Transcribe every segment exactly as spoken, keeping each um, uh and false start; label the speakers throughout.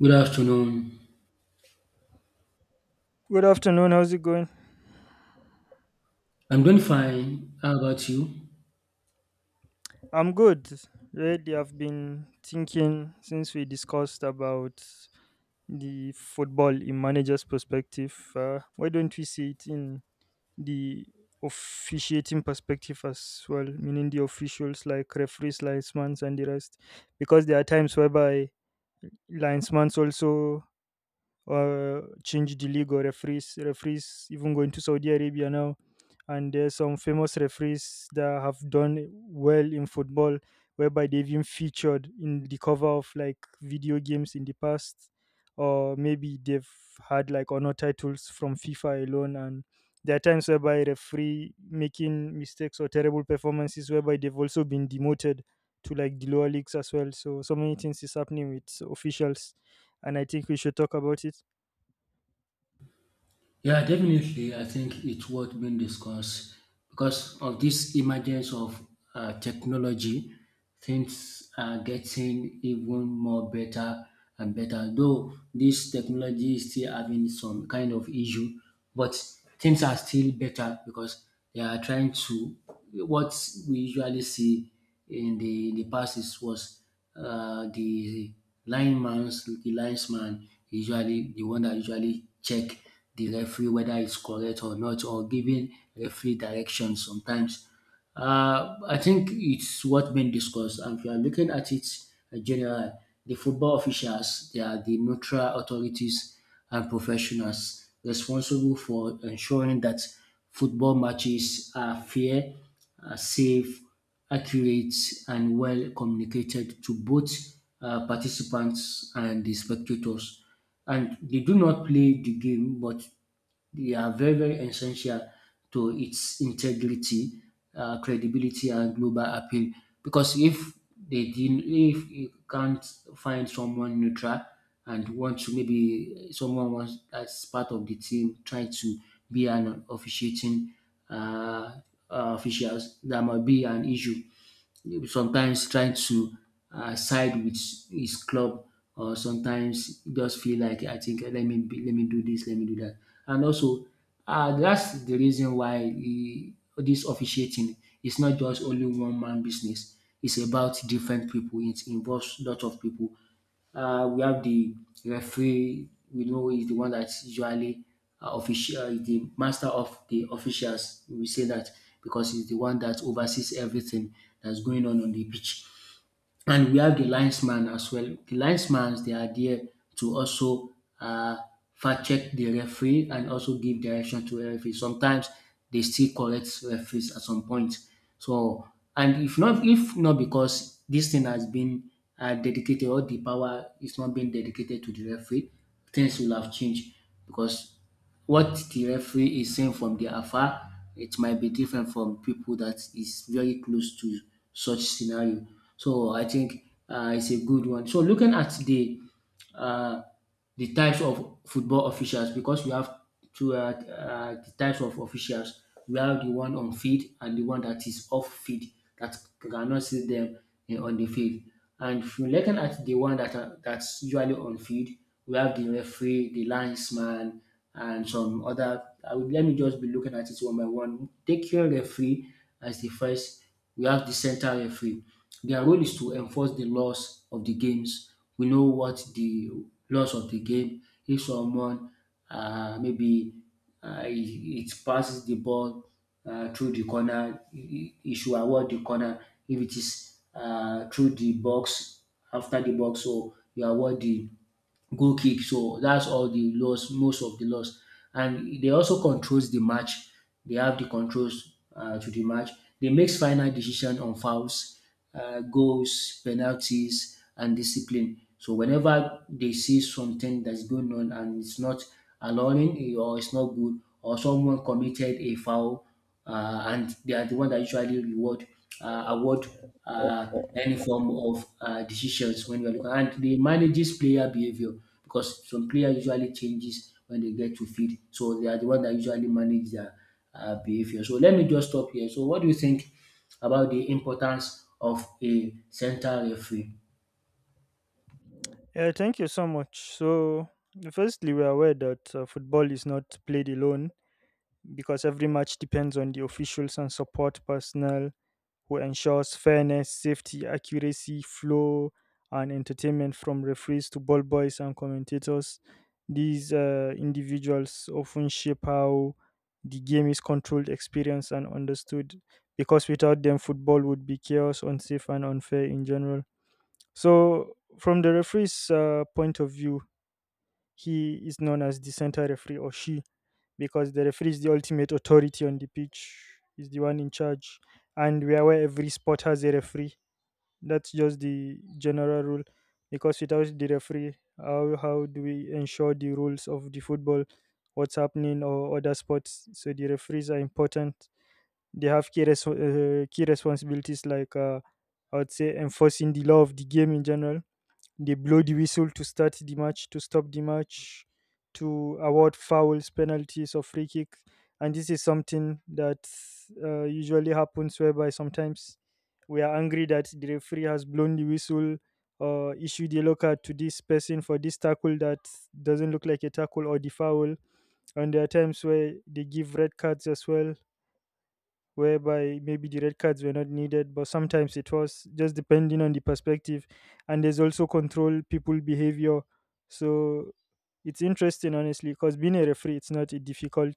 Speaker 1: Good afternoon.
Speaker 2: Good afternoon. How's it going?
Speaker 1: I'm doing fine. How about you?
Speaker 2: I'm good. Really, I've been thinking since we discussed about the football in manager's perspective. Uh, why don't we see it in the officiating perspective as well, meaning the officials like referees, linesmen, and the rest? Because there are times whereby linesmen also uh, change the league or referees. Referees even going to Saudi Arabia now, and there's some famous referees that have done well in football, whereby they've been featured in the cover of like video games in the past, or maybe they've had like honor titles from FIFA alone. And there are times whereby referee making mistakes or terrible performances, whereby they've also been demoted to like the lower leagues as well. So so many things is happening with officials, and I think we should talk about it.
Speaker 1: Yeah, definitely. I think it's worth being discussed because of this emergence of uh, technology. Things are getting even more better and better. Though this technology is still having some kind of issue, but things are still better because they are trying to what we usually see in the, in the past is was uh, the lineman's the linesman usually the one that usually check the referee whether it's correct or not, or giving referee directions sometimes. uh, I think it's what been discussed, and if you are looking at it in general, the football officials, they are the neutral authorities and professionals responsible for ensuring that football matches are fair, are safe, accurate, and well communicated to both uh, participants and the spectators. And they do not play the game, but they are very, very essential to its integrity, uh, credibility, and global appeal. Because if they didn't, if you can't find someone neutral and want to maybe someone wants as part of the team trying to be an officiating uh, uh, officials, that might be an issue sometimes trying to uh, side with his club, or sometimes he just feel like I think let me be, let me do this, let me do that. And also, uh, that's the reason why he, this officiating is not just only one man business. It's about different people, it involves lot of people. uh, we have the referee. We know is the one that's usually uh, official, is the master of the officials. We say that because he's the one that oversees everything that's going on on the pitch. And we have the linesman as well. The linesmans, they are there to also uh fact check the referee and also give direction to the referee. Sometimes they still correct referees at some point. So, and if not if not because this thing has been um dedicated, or the power is not being dedicated to the referee, things will have changed because what the referee is seeing from the afar, it might be different from people that is very close to such scenario. So I think uh, it's a good one. So looking at the uh, the types of football officials, because we have two uh, uh, the types of officials. We have the one on field and the one that is off field, that cannot see them eh, on the field. And if you're looking at the one that are, that's usually on field, we have the referee, the linesman, and some other. I will, let me just be looking at it one by one. Take your referee as the first. We have the center referee. Their role is to enforce the laws of the games. We know what the laws of the game. If someone uh, maybe uh, it, it passes the ball uh, through the corner, it he- should award the corner. If it is uh, through the box, after the box, so you award the goal kick. So that's all the loss, most of the loss. And they also controls the match. They have the controls uh, to the match. They makes final decision on fouls, uh, goals, penalties, and discipline. So whenever they see something that's going on and it's not allowing eh, or it's not good or someone committed a foul, uh, and they are the one that usually reward uh, award uh, any form of uh, decisions when you are looking. And they manages player behavior because some player usually changes when they get to field, so they are the one that usually manage their uh, behavior. So let me just stop here. So what do you think about the importance of a center referee?
Speaker 2: Yeah, thank you so much. So, firstly, we're aware that uh, football is not played alone because every match depends on the officials and support personnel who ensures fairness, safety, accuracy, flow, and entertainment from referees to ball boys and commentators. These uh, individuals often shape how the game is controlled, experienced, and understood because without them, football would be chaos, unsafe, and unfair in general. So, from the referee's uh, point of view, he is known as the center referee or she because the referee is the ultimate authority on the pitch. He's the one in charge, and we are aware every sport has a referee. That's just the general rule, because without the referee, how how do we ensure the rules of the football, what's happening, or other sports? So the referees are important. They have key res- uh, key responsibilities like uh, I would say enforcing the law of the game in general. They blow the whistle to start the match, to stop the match, to award fouls, penalties, or free kick. And this is something that uh, usually happens whereby sometimes we are angry that the referee has blown the whistle or issued a low card to this person for this tackle that doesn't look like a tackle or the foul. And there are times where they give red cards as well, whereby maybe the red cards were not needed, but sometimes it was just depending on the perspective. And there's also control people behavior. So it's interesting, honestly, because being a referee, it's not a difficult,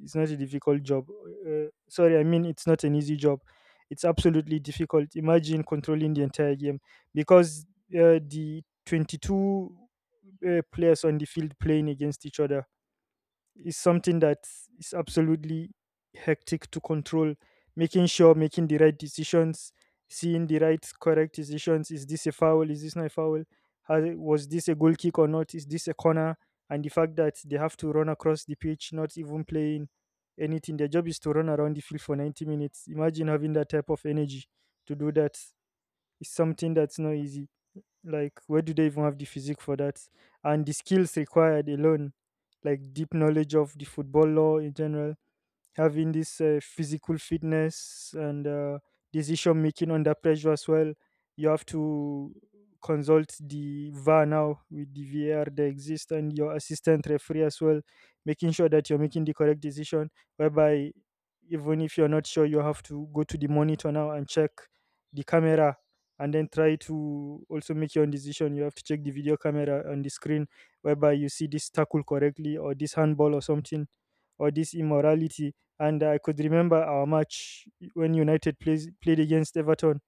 Speaker 2: it's not a difficult job. Uh, sorry, I mean it's not an easy job. It's absolutely difficult. Imagine controlling the entire game because uh, the twenty-two uh, players on the field playing against each other is something that is absolutely hectic to control, making sure, making the right decisions, seeing the right correct decisions. Is this a foul, is this not a foul? Has, was this a goal kick or not? Is this a corner? And the fact that they have to run across the pitch not even playing anything, their job is to run around the field for ninety minutes. Imagine having that type of energy to do that is something that's not easy. Like, where do they even have the physique for that? And the skills required alone, like deep knowledge of the football law in general, having this uh, physical fitness and uh, decision making under pressure as well. You have to consult the V A R now with the V A R that exists and your assistant referee as well, making sure that you're making the correct decision. Whereby, even if you're not sure, you have to go to the monitor now and check the camera and then try to also make your own decision. You have to check the video camera on the screen whereby you see this tackle correctly or this handball or something or this immorality. And I could remember our match when United plays, played against Everton.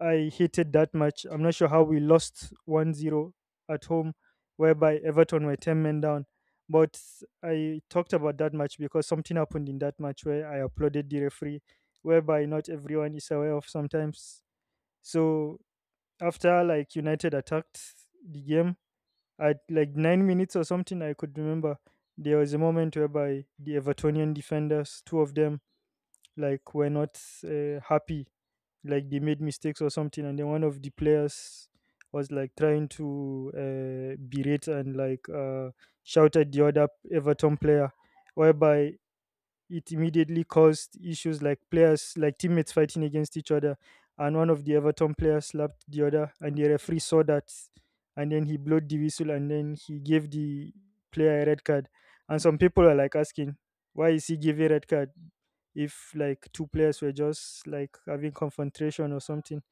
Speaker 2: I hated that match. I'm not sure how we lost one zero at home, whereby Everton were ten men down. But I talked about that match because something happened in that match where I applauded the referee, whereby not everyone is aware of sometimes. So after like United attacked the game at like nine minutes or something, I could remember there was a moment whereby the Evertonian defenders, two of them, like were not uh, happy, like they made mistakes or something, and then one of the players was like trying to uh, berate and like uh, shout at the other Everton player, whereby it immediately caused issues, like players, like teammates fighting against each other. And one of the Everton players slapped the other, and the referee saw that. And then he blew the whistle and then he gave the player a red card. And some people are like asking, why is he giving red card, if like two players were just like having confrontation or something?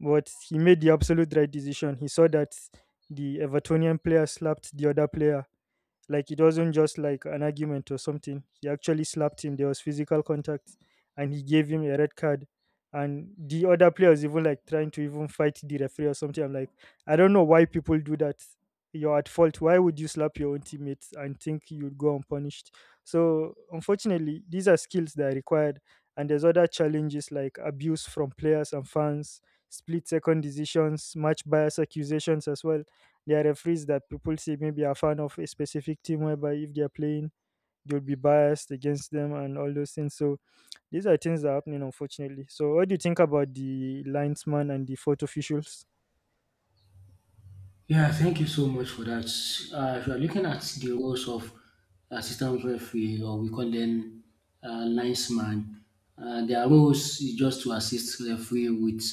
Speaker 2: But he made the absolute right decision. He saw that the Evertonian player slapped the other player. Like it wasn't just like an argument or something. He actually slapped him. There was physical contact, and he gave him a red card. And the other player was even like trying to even fight the referee or something. I'm like, I don't know why people do that. You're at fault. Why would you slap your own teammates and think you'd go unpunished? So unfortunately, these are skills that are required. And there's other challenges like abuse from players and fans, split second decisions, match bias accusations as well. There are referees that people say maybe are fan of a specific team, whereby if they're playing, they'll be biased against them and all those things. So these are things that are happening, unfortunately. So what do you think about the linesman and the photo officials?
Speaker 1: Yeah, thank you so much for that. Uh, if you are looking at the roles of assistant referee, or we call them uh, linesman, uh, their roles is just to assist referee with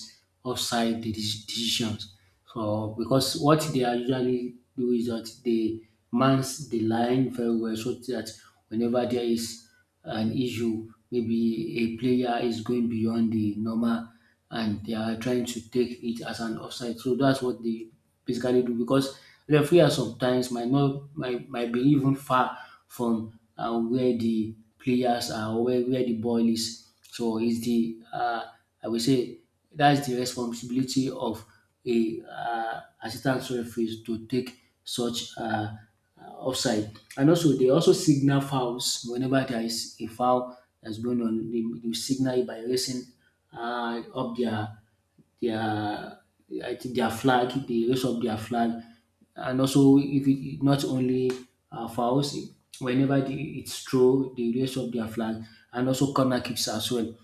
Speaker 1: offside de- decisions. So, because what they are usually do is that they mans the line very well, so that whenever there is an issue, maybe a player is going beyond the normal, and they are trying to take it as an offside. So that's what they basically do because referee are sometimes might not might, might be even far from uh, where the players are, or where, where the ball is. So it's the uh, I would say that's the responsibility of a uh, assistant referees to take such uh, uh, offside. And also, they also signal fouls whenever there is a foul that's going on. They, they signal it by raising uh, up their their I think their flag. They raise up their flag, and also if it not only uh, fouls, whenever the, it's true, they raise up their flag, and also corner kicks as well.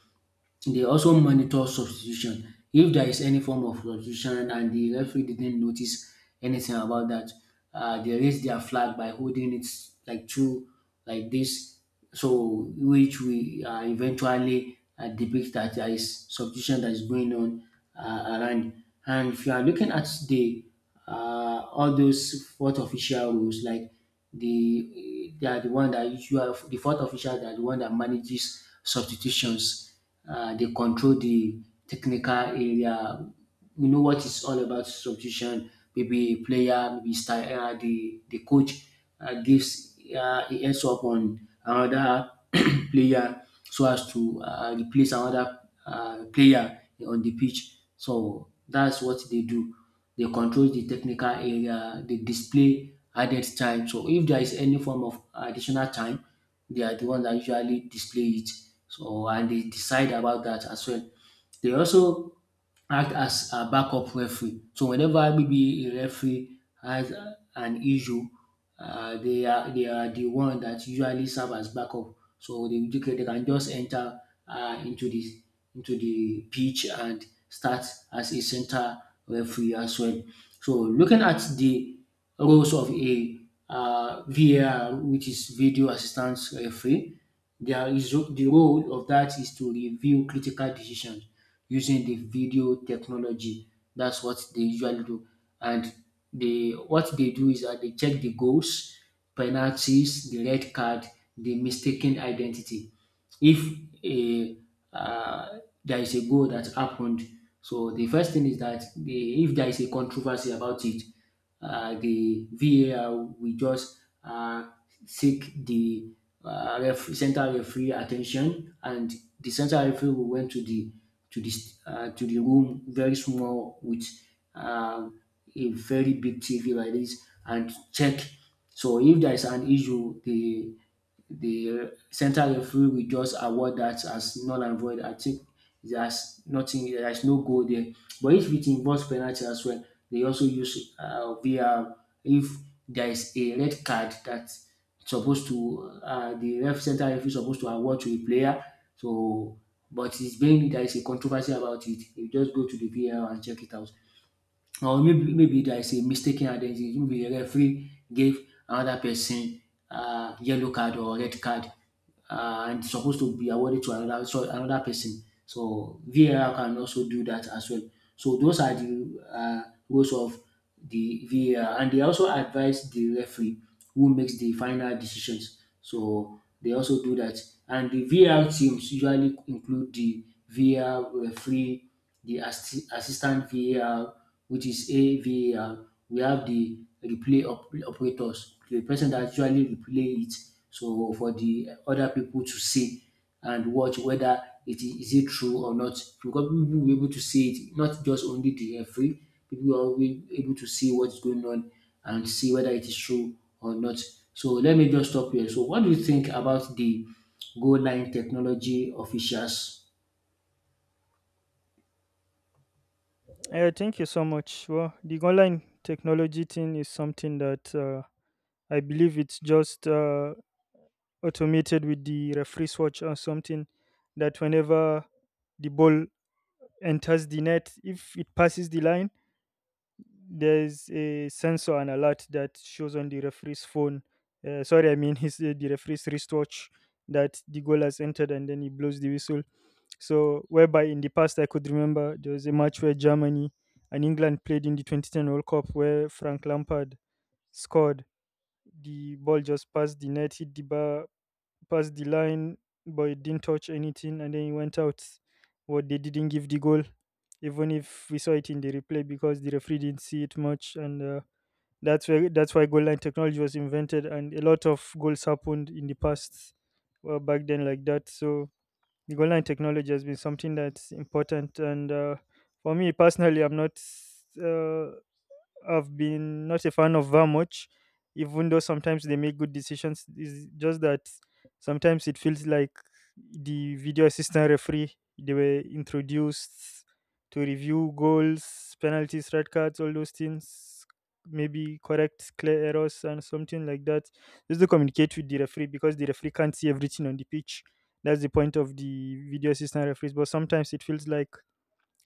Speaker 1: They also monitor substitution. If there is any form of substitution and the referee didn't notice anything about that, uh, they raise their flag by holding it like two, like this. So, which we uh, eventually uh, depict that there is substitution that is going on uh, around. And if you are looking at the uh, all those fourth official rules, like the they are the one that you are the fourth official, they are the one that manages substitutions. uh, they control the technical area. We know what it's all about substitution. Maybe player, maybe style, uh, the the coach uh, gives uh, a heads up on another player so as to uh, replace another uh, player on the pitch. So that's what they do. They control the technical area. They display added time. So if there is any form of additional time, they are the one that usually display it. So, and they decide about that as well. They also act as a backup referee. So whenever maybe a referee has uh, an issue, uh, they are they are the one that usually serve as backup. So they they can they can just enter uh, into the into the pitch and start as a center referee as well. So looking at the roles of a uh, VAR, which is video assistance referee. There is the role of that is to review critical decisions using the video technology. That's what they usually do. And they what they do is that they check the goals, penalties, the red card, the mistaken identity. If a uh, there is a goal that happened, so the first thing is that they, if there is a controversy about it, uh, the VAR will just uh, seek the uh, ref- central referee attention, and the central referee will went to the to the st- uh, to the room very small with um, a very big T V like this and check. So if there is an issue, the the center referee will just award that as null and void. I think there's nothing, there's no goal there. But if it involves penalty as well, they also use uh, V R. If there is a red card that's supposed to, uh, the ref center referee is supposed to award to a player. So, but it's being there is a controversy about it. You just go to the V R and check it out. Or maybe maybe there is a mistaken identity, maybe the referee gave another person uh, yellow card or red card, uh, and it's supposed to be awarded to another, so another person, so VAR can also do that as well. So those are the uh, rules of the VAR. And they also advise the referee who makes the final decisions, so they also do that. And the VAR teams usually include the VAR referee, the assi- assistant VAR, which is a var. We have the replay op- operators, the person that actually replay it, so for the other people to see and watch whether it is, is it true or not. Because people will be able to see it, not just only the referee. People will be able to see what's going on and see whether it is true or not. So let me just stop here. So what do you think about the goal line technology officials?
Speaker 2: Yeah, thank you so much. Well, the online technology thing is something that uh, I believe it's just uh, automated with the referee swatch or something, that whenever the ball enters the net, if it passes the line, there's a sensor and alert that shows on the referee's phone. Uh, sorry, I mean his uh, the referee's wristwatch that the goal has entered, and then he blows the whistle. So, whereby in the past I could remember there was a match where Germany and England played in the twenty ten World Cup where Frank Lampard scored. The ball just passed the net, hit the bar, passed the line, but it didn't touch anything, and then it went out. What, they didn't give the goal even if we saw it in the replay because the referee didn't see it much. And uh, that's where that's why goal line technology was invented, and a lot of goals happened in the past, well, back then like that. So the goal line technology has been something that's important, and uh, for me personally, I'm not uh, I've been not a fan of that much, even though sometimes they make good decisions. It's just that sometimes it feels like the video assistant referee, they were introduced to review goals, penalties, red cards, all those things, maybe correct clear errors and something like that. Just to communicate with the referee because the referee can't see everything on the pitch. That's the point of the video assistant referees. But sometimes it feels like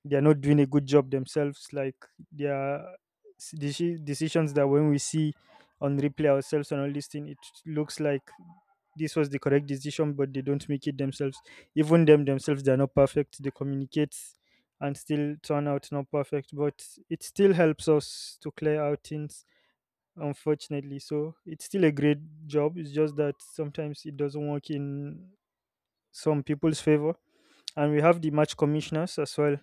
Speaker 2: they're not doing a good job themselves. Like there are s- deci- decisions that when we see on replay ourselves and all this thing, it looks like this was the correct decision, but they don't make it themselves. Even them themselves, they're not perfect. They communicate and still turn out not perfect, but it still helps us to clear out things. Unfortunately, so it's still a great job. It's just that sometimes it doesn't work in some people's favor. And we have the match commissioners as well,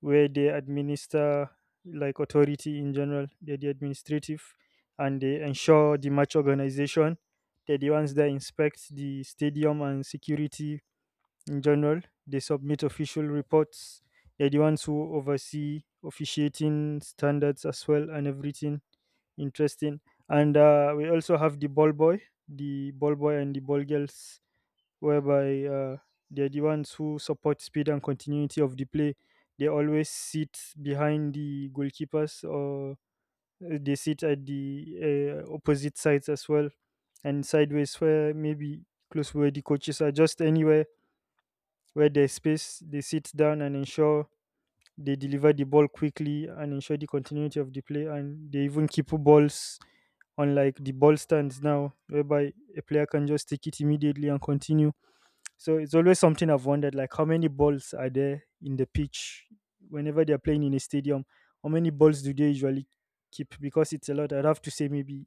Speaker 2: where they administer like authority in general. They're the administrative, and they ensure the match organization. They're the ones that inspect the stadium and security in general. They submit official reports. They're the ones who oversee officiating standards as well, and everything interesting. And uh, we also have the ball boy, the ball boy and the ball girls, whereby uh, they're the ones who support speed and continuity of the play. They always sit behind the goalkeepers or uh, they sit at the uh, opposite sides as well, and sideways where maybe close where the coaches are, just anywhere where there's space they sit down and ensure they deliver the ball quickly and ensure the continuity of the play. And they even keep balls on like the ball stands now, whereby a player can just take it immediately and continue. So it's always something I've wondered, like how many balls are there in the pitch whenever they're playing in a stadium? How many balls do they usually keep? Because it's a lot. I'd have to say maybe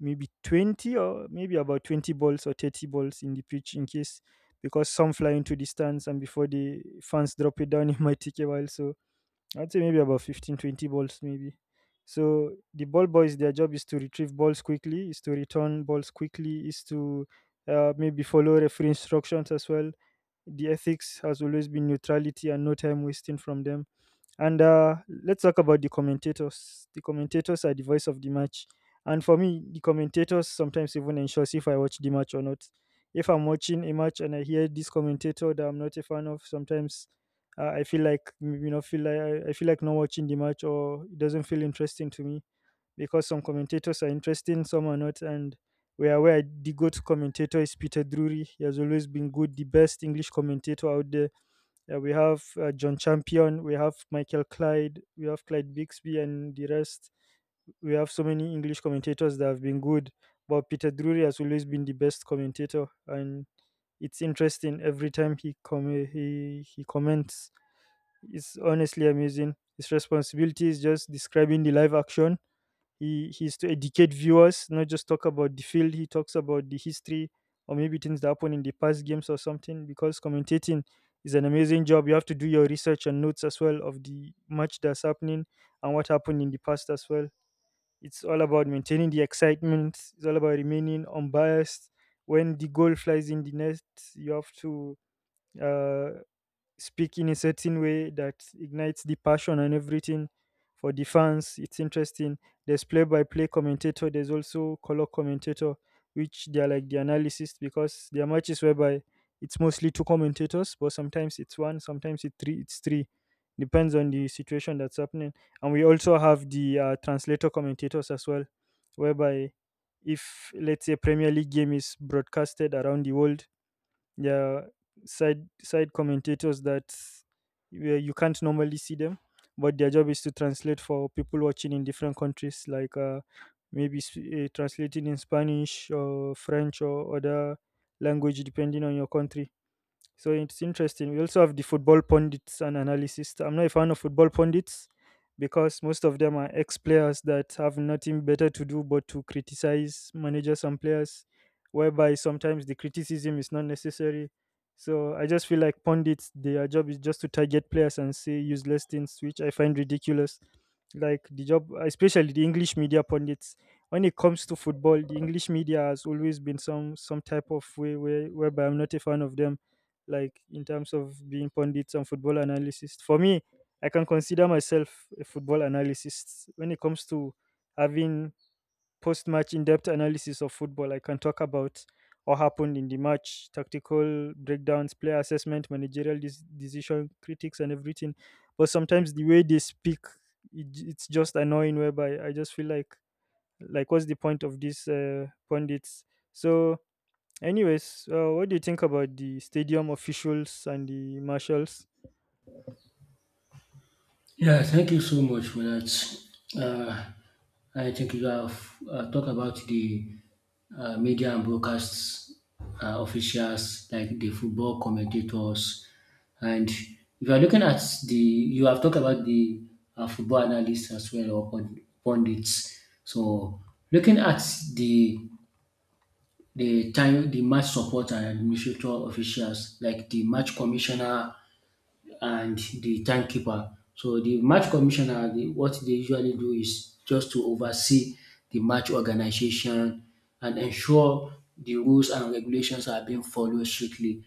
Speaker 2: maybe twenty or maybe about twenty balls or thirty balls in the pitch in case because some fly into the stands and before the fans drop it down it might take a while. So I'd say maybe about fifteen, twenty balls maybe. So the ball boys their job is to retrieve balls quickly, is to return balls quickly, is to uh, maybe follow referee instructions as well. The ethics has always been neutrality and no time wasting from them. And uh, let's talk about the commentators. The commentators are the voice of the match. And for me, the commentators sometimes even ensures if I watch the match or not. If I'm watching a match and I hear this commentator that I'm not a fan of, sometimes uh, I feel like you know feel like I feel like not watching the match, or it doesn't feel interesting to me because some commentators are interesting, some are not. And we are aware the GOAT commentator is Peter Drury. He has always been good, the best English commentator out there. Uh, we have uh, John Champion, we have Michael Clyde, we have Clyde Bixby, and the rest. We have so many English commentators that have been good, but Peter Drury has always been the best commentator, and it's interesting every time he com- he he comments. It's honestly amazing. His responsibility is just describing the live action. He he's to educate viewers, not just talk about the field. He talks about the history or maybe things that happen in the past games or something. Because commentating is an amazing job. You have to do your research and notes as well of the match that's happening and what happened in the past as well. It's all about maintaining the excitement. It's all about remaining unbiased. When the goal flies in the net, you have to uh, speak in a certain way that ignites the passion and everything for the fans. It's interesting. There's play-by-play commentator. There's also color commentator, which they are like the analysis because there are matches whereby it's mostly two commentators, but sometimes it's one, sometimes it's three. It's three, depends on the situation that's happening. And we also have the uh, translator commentators as well, whereby if let's say Premier League game is broadcasted around the world, yeah, side side commentators that, where you can't normally see them, but their job is to translate for people watching in different countries, like uh, maybe uh, translating in Spanish or French or other language depending on your country. So it's interesting. We also have the football pundits and analysis. I'm not a fan of football pundits because most of them are ex players that have nothing better to do but to criticize managers and players, whereby sometimes the criticism is not necessary. So I just feel like pundits, their job is just to target players and say useless things, which I find ridiculous. Like the job, especially the English media pundits. When it comes to football, the English media has always been some some type of way where, whereby I'm not a fan of them like in terms of being pundits and football analysts. For me, I can consider myself a football analyst when it comes to having post match in depth analysis of football. I can talk about what happened in the match, tactical breakdowns, player assessment, managerial dis- decision, critics, and everything. But sometimes the way they speak, it, j- it's just annoying. Whereby I just feel like, like, what's the point of these uh, pundits? So anyways, uh, what do you think about the stadium officials and the marshals?
Speaker 1: Yeah, thank you so much for that. Uh, I think you have uh, talked about the uh, media and broadcast uh, officials, like the football commentators. And if you are looking at the, you have talked about the uh, football analysts as well, or pund- pundits. So looking at the the time, the match support and administrator officials, like the match commissioner and the timekeeper. So the match commissioner, the, what they usually do is just to oversee the match organization and ensure the rules and regulations are being followed strictly.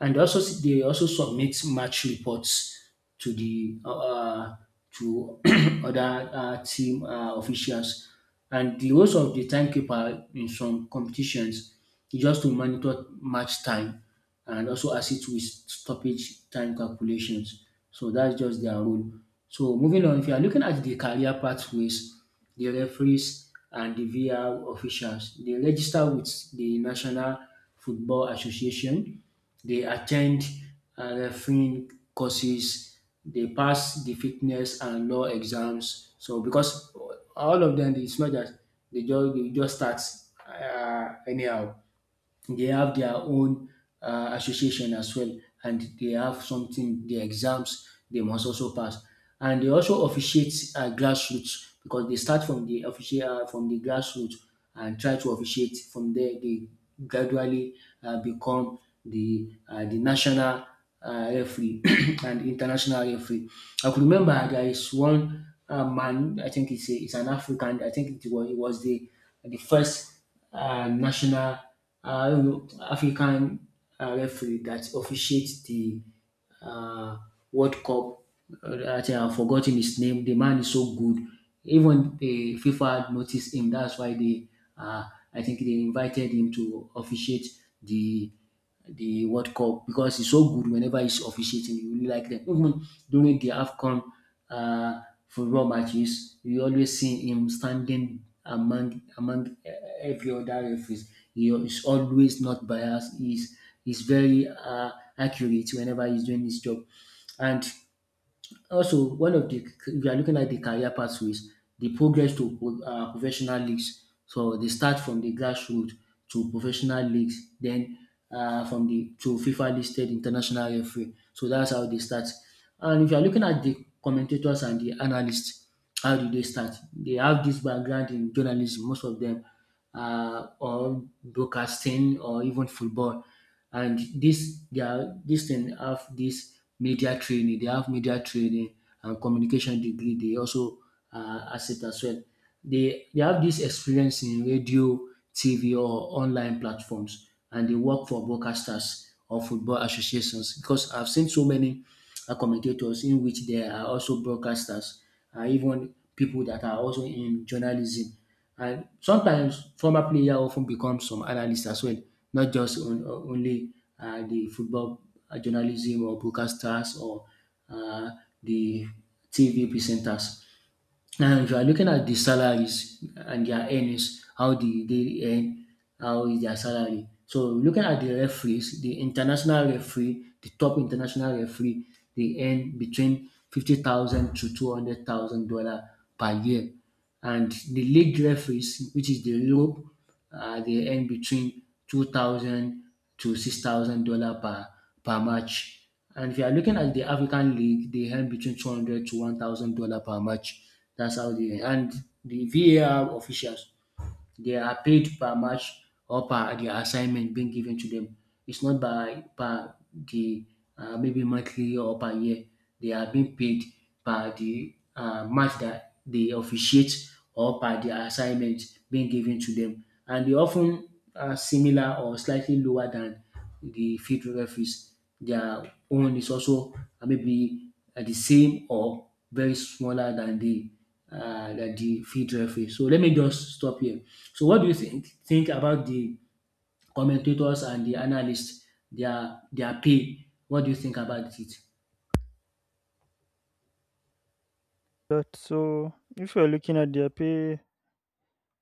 Speaker 1: And also, s- they also submit match reports to the uh, uh, to other uh, team uh, officials. And the roles of the timekeeper in some competitions is just to monitor match time and also assist with stoppage time calculations. So that's just their role. So moving on, if you are looking at the career pathways, the referees and the V R officials, they register with the National Football Association. They attend uh, refereeing courses. They pass the fitness and law exams. So because all of them, it's not that they just they just start uh, anyhow, they have their own uh, association as well, and they have something, the exams they must also pass, and they also officiate uh, grassroots, because they start from the official uh, from the grassroots and try to officiate from there. They gradually uh, become the uh, the national uh, referee and international referee. I could remember there is one uh, man. I think it's, a, it's an African. I think it was, it was the the first uh, national, uh, I don't know, African uh, referee that officiates the uh, World Cup. Uh, that I I've forgotten his name. The man is so good. Even the FIFA noticed him. That's why they, uh, I think they invited him to officiate the the World Cup because he's so good. Whenever he's officiating, you really like them. Even during the Afcon uh, football matches, you always see him standing among among eh, every other referees. He is always not biased. He's he's very uh, accurate whenever he's doing his job, and also, one of the, if you are looking at the career pathways, the progress to pro- uh, professional leagues. So they start from the grassroots to professional leagues, then uh, from the to FIFA listed international referee. So that's how they start. And if you are looking at the commentators and the analysts, how do they start? They have this background in journalism, most of them, uh, or broadcasting or even football, and this their this thing have this media training. They have media training and communication degree. They also uh, accept as well. They they have this experience in radio, TV, or online platforms, and they work for broadcasters or football associations, because I've seen so many uh, commentators in which they are also broadcasters, and even people that are also in journalism, and sometimes former player often ten become some analyst as well, not just on- on- only um the football uh, journalism or broadcasters or um the T V presenters. Now, if you are looking at the salaries and their earnings, how they, they earn, how is their salary. So looking at the referees, the international referee, the top international referee, they earn between fifty thousand to two hundred thousand dollar per year, and the league referees, which is the Europe, uh, they earn between two thousand to six thousand dollar per per match. And if you are looking at the African League, they earn between two hundred to one thousand dollar per match. That's how they earn. And the V A R officials, they are paid per match or per the assignment being given to them. It's not by per the uh, maybe monthly or per year. They are being paid per the uh, match that they officiate or per the assignment being given to them. And they often are similar or slightly lower than the field referees. Their own is also uh, maybe uh, the same or very smaller than the uh, that the field referee. So let me just stop here. So what do you think think about the commentators and the analysts, their their pay? What do you think about it?
Speaker 2: That so, if we are looking at their pay,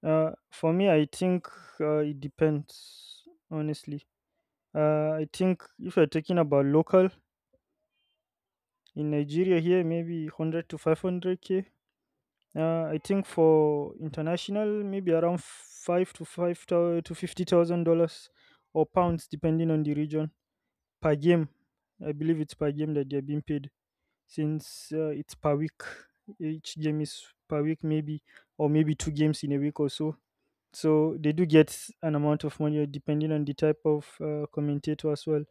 Speaker 2: uh, for me, I think uh, it depends. Honestly, uh, I think if we are talking about local in Nigeria here, maybe hundred to five hundred k. Uh, I think for international, maybe around five to five thou- to fifty thousand dollars or pounds, depending on the region per game. I believe it's per game that they're being paid, since uh, it's per week. Each game is per week maybe, or maybe two games in a week or so. So they do get an amount of money uh, depending on the type of uh, commentator as well.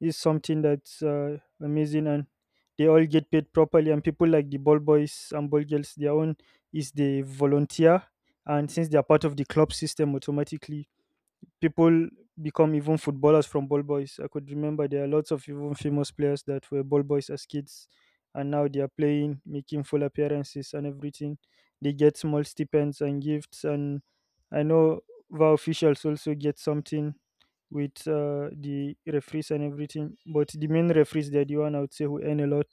Speaker 2: Is something that's uh, amazing, and they all get paid properly. And people like the ball boys and ball girls, their own is the volunteer, and since they are part of the club system automatically, people become even footballers from ball boys. I could remember there are lots of even famous players that were ball boys as kids, and now they are playing, making full appearances and everything. They get small stipends and gifts, and I know VAR officials also get something with uh, the referees and everything. But the main referees, they're the one I would say who earn a lot,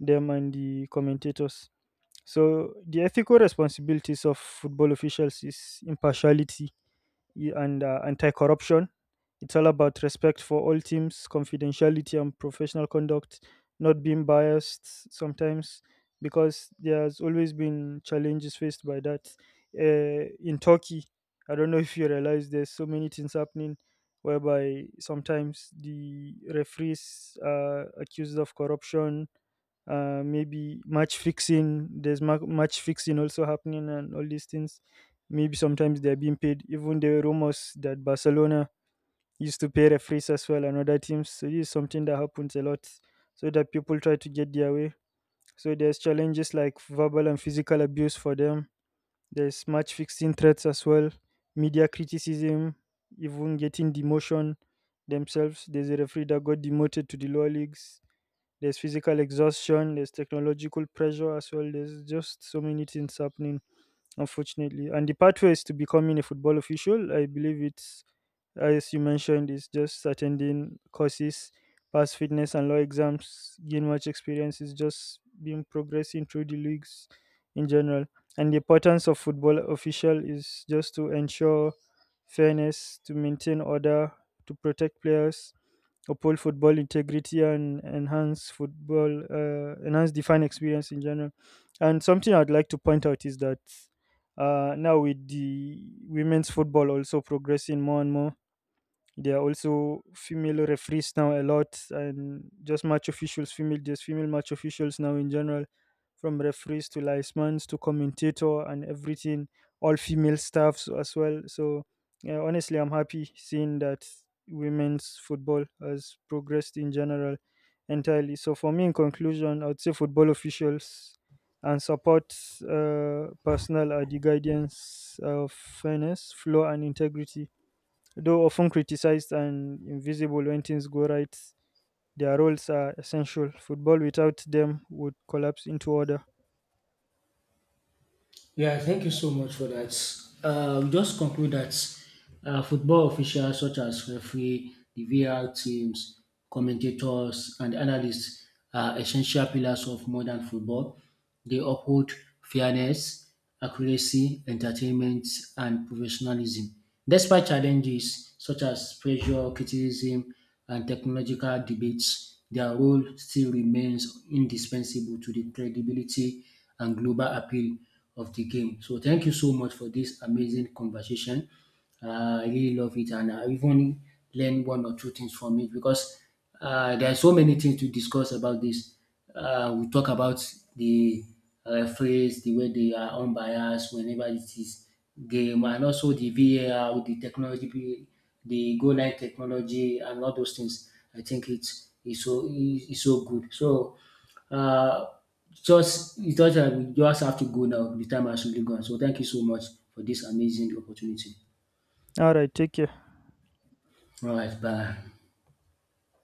Speaker 2: them and the commentators. So the ethical responsibilities of football officials is impartiality y- and uh, anti-corruption. It's all about respect for all teams, confidentiality and professional conduct, not being biased sometimes because there's always been challenges faced by that. Uh, in Turkey, I don't know if you realize there's so many things happening whereby sometimes the referees are accused of corruption, uh, maybe match fixing. There's ma- match fixing also happening, and all these things, maybe sometimes they're being paid. Even there were rumors that Barcelona used to pay referees as well, and other teams, so this is something that happens a lot, so that people try to get their way. So there's challenges like verbal and physical abuse for them, there's match fixing threats as well, media criticism, even getting demotion themselves. There's a referee that got demoted to the lower leagues. There's physical exhaustion, there's technological pressure as well. There's just so many things happening, unfortunately. And the pathways to becoming a football official, I believe it's, as you mentioned, is just attending courses, pass fitness and law exams, gain much experience, is just being progressing through the leagues in general. And the importance of football official is just to ensure fairness, to maintain order, to protect players, uphold football integrity, and enhance football uh, enhance the fan experience in general. And something I'd like to point out is that uh, now with the women's football also progressing more and more, there are also female referees now a lot, and just match officials, female, just female match officials now in general, from referees to linesmans to commentator and everything, all female staffs as well. So yeah, honestly, I'm happy seeing that women's football has progressed in general entirely. So for me, in conclusion, I would say football officials and support uh, personnel are the guardians of fairness, flow, and integrity. Though often criticized and invisible when things go right, their roles are essential. Football without them would collapse into order.
Speaker 1: Yeah, thank you so much for that. Uh, we just conclude that uh, football officials such as referee, the V A R teams, commentators, and analysts are essential pillars of modern football. They uphold fairness, accuracy, entertainment, and professionalism. Despite challenges such as pressure, criticism, and technological debates, their role still remains indispensable to the credibility and global appeal of the game. So thank you so much for this amazing conversation. Uh, I really love it, and I even learned one or two things from it, because uh, there are so many things to discuss about this. Uh, we talk about the referees, the way they are unbiased whenever it is game, and also the V A R, the technology, the goal line technology, and all those things. I think it's it's so it's so good. So. Uh, just it just that we just have to go now. The time has really gone. So thank you so much for this amazing opportunity.
Speaker 2: All right, take care.
Speaker 1: All right, bye.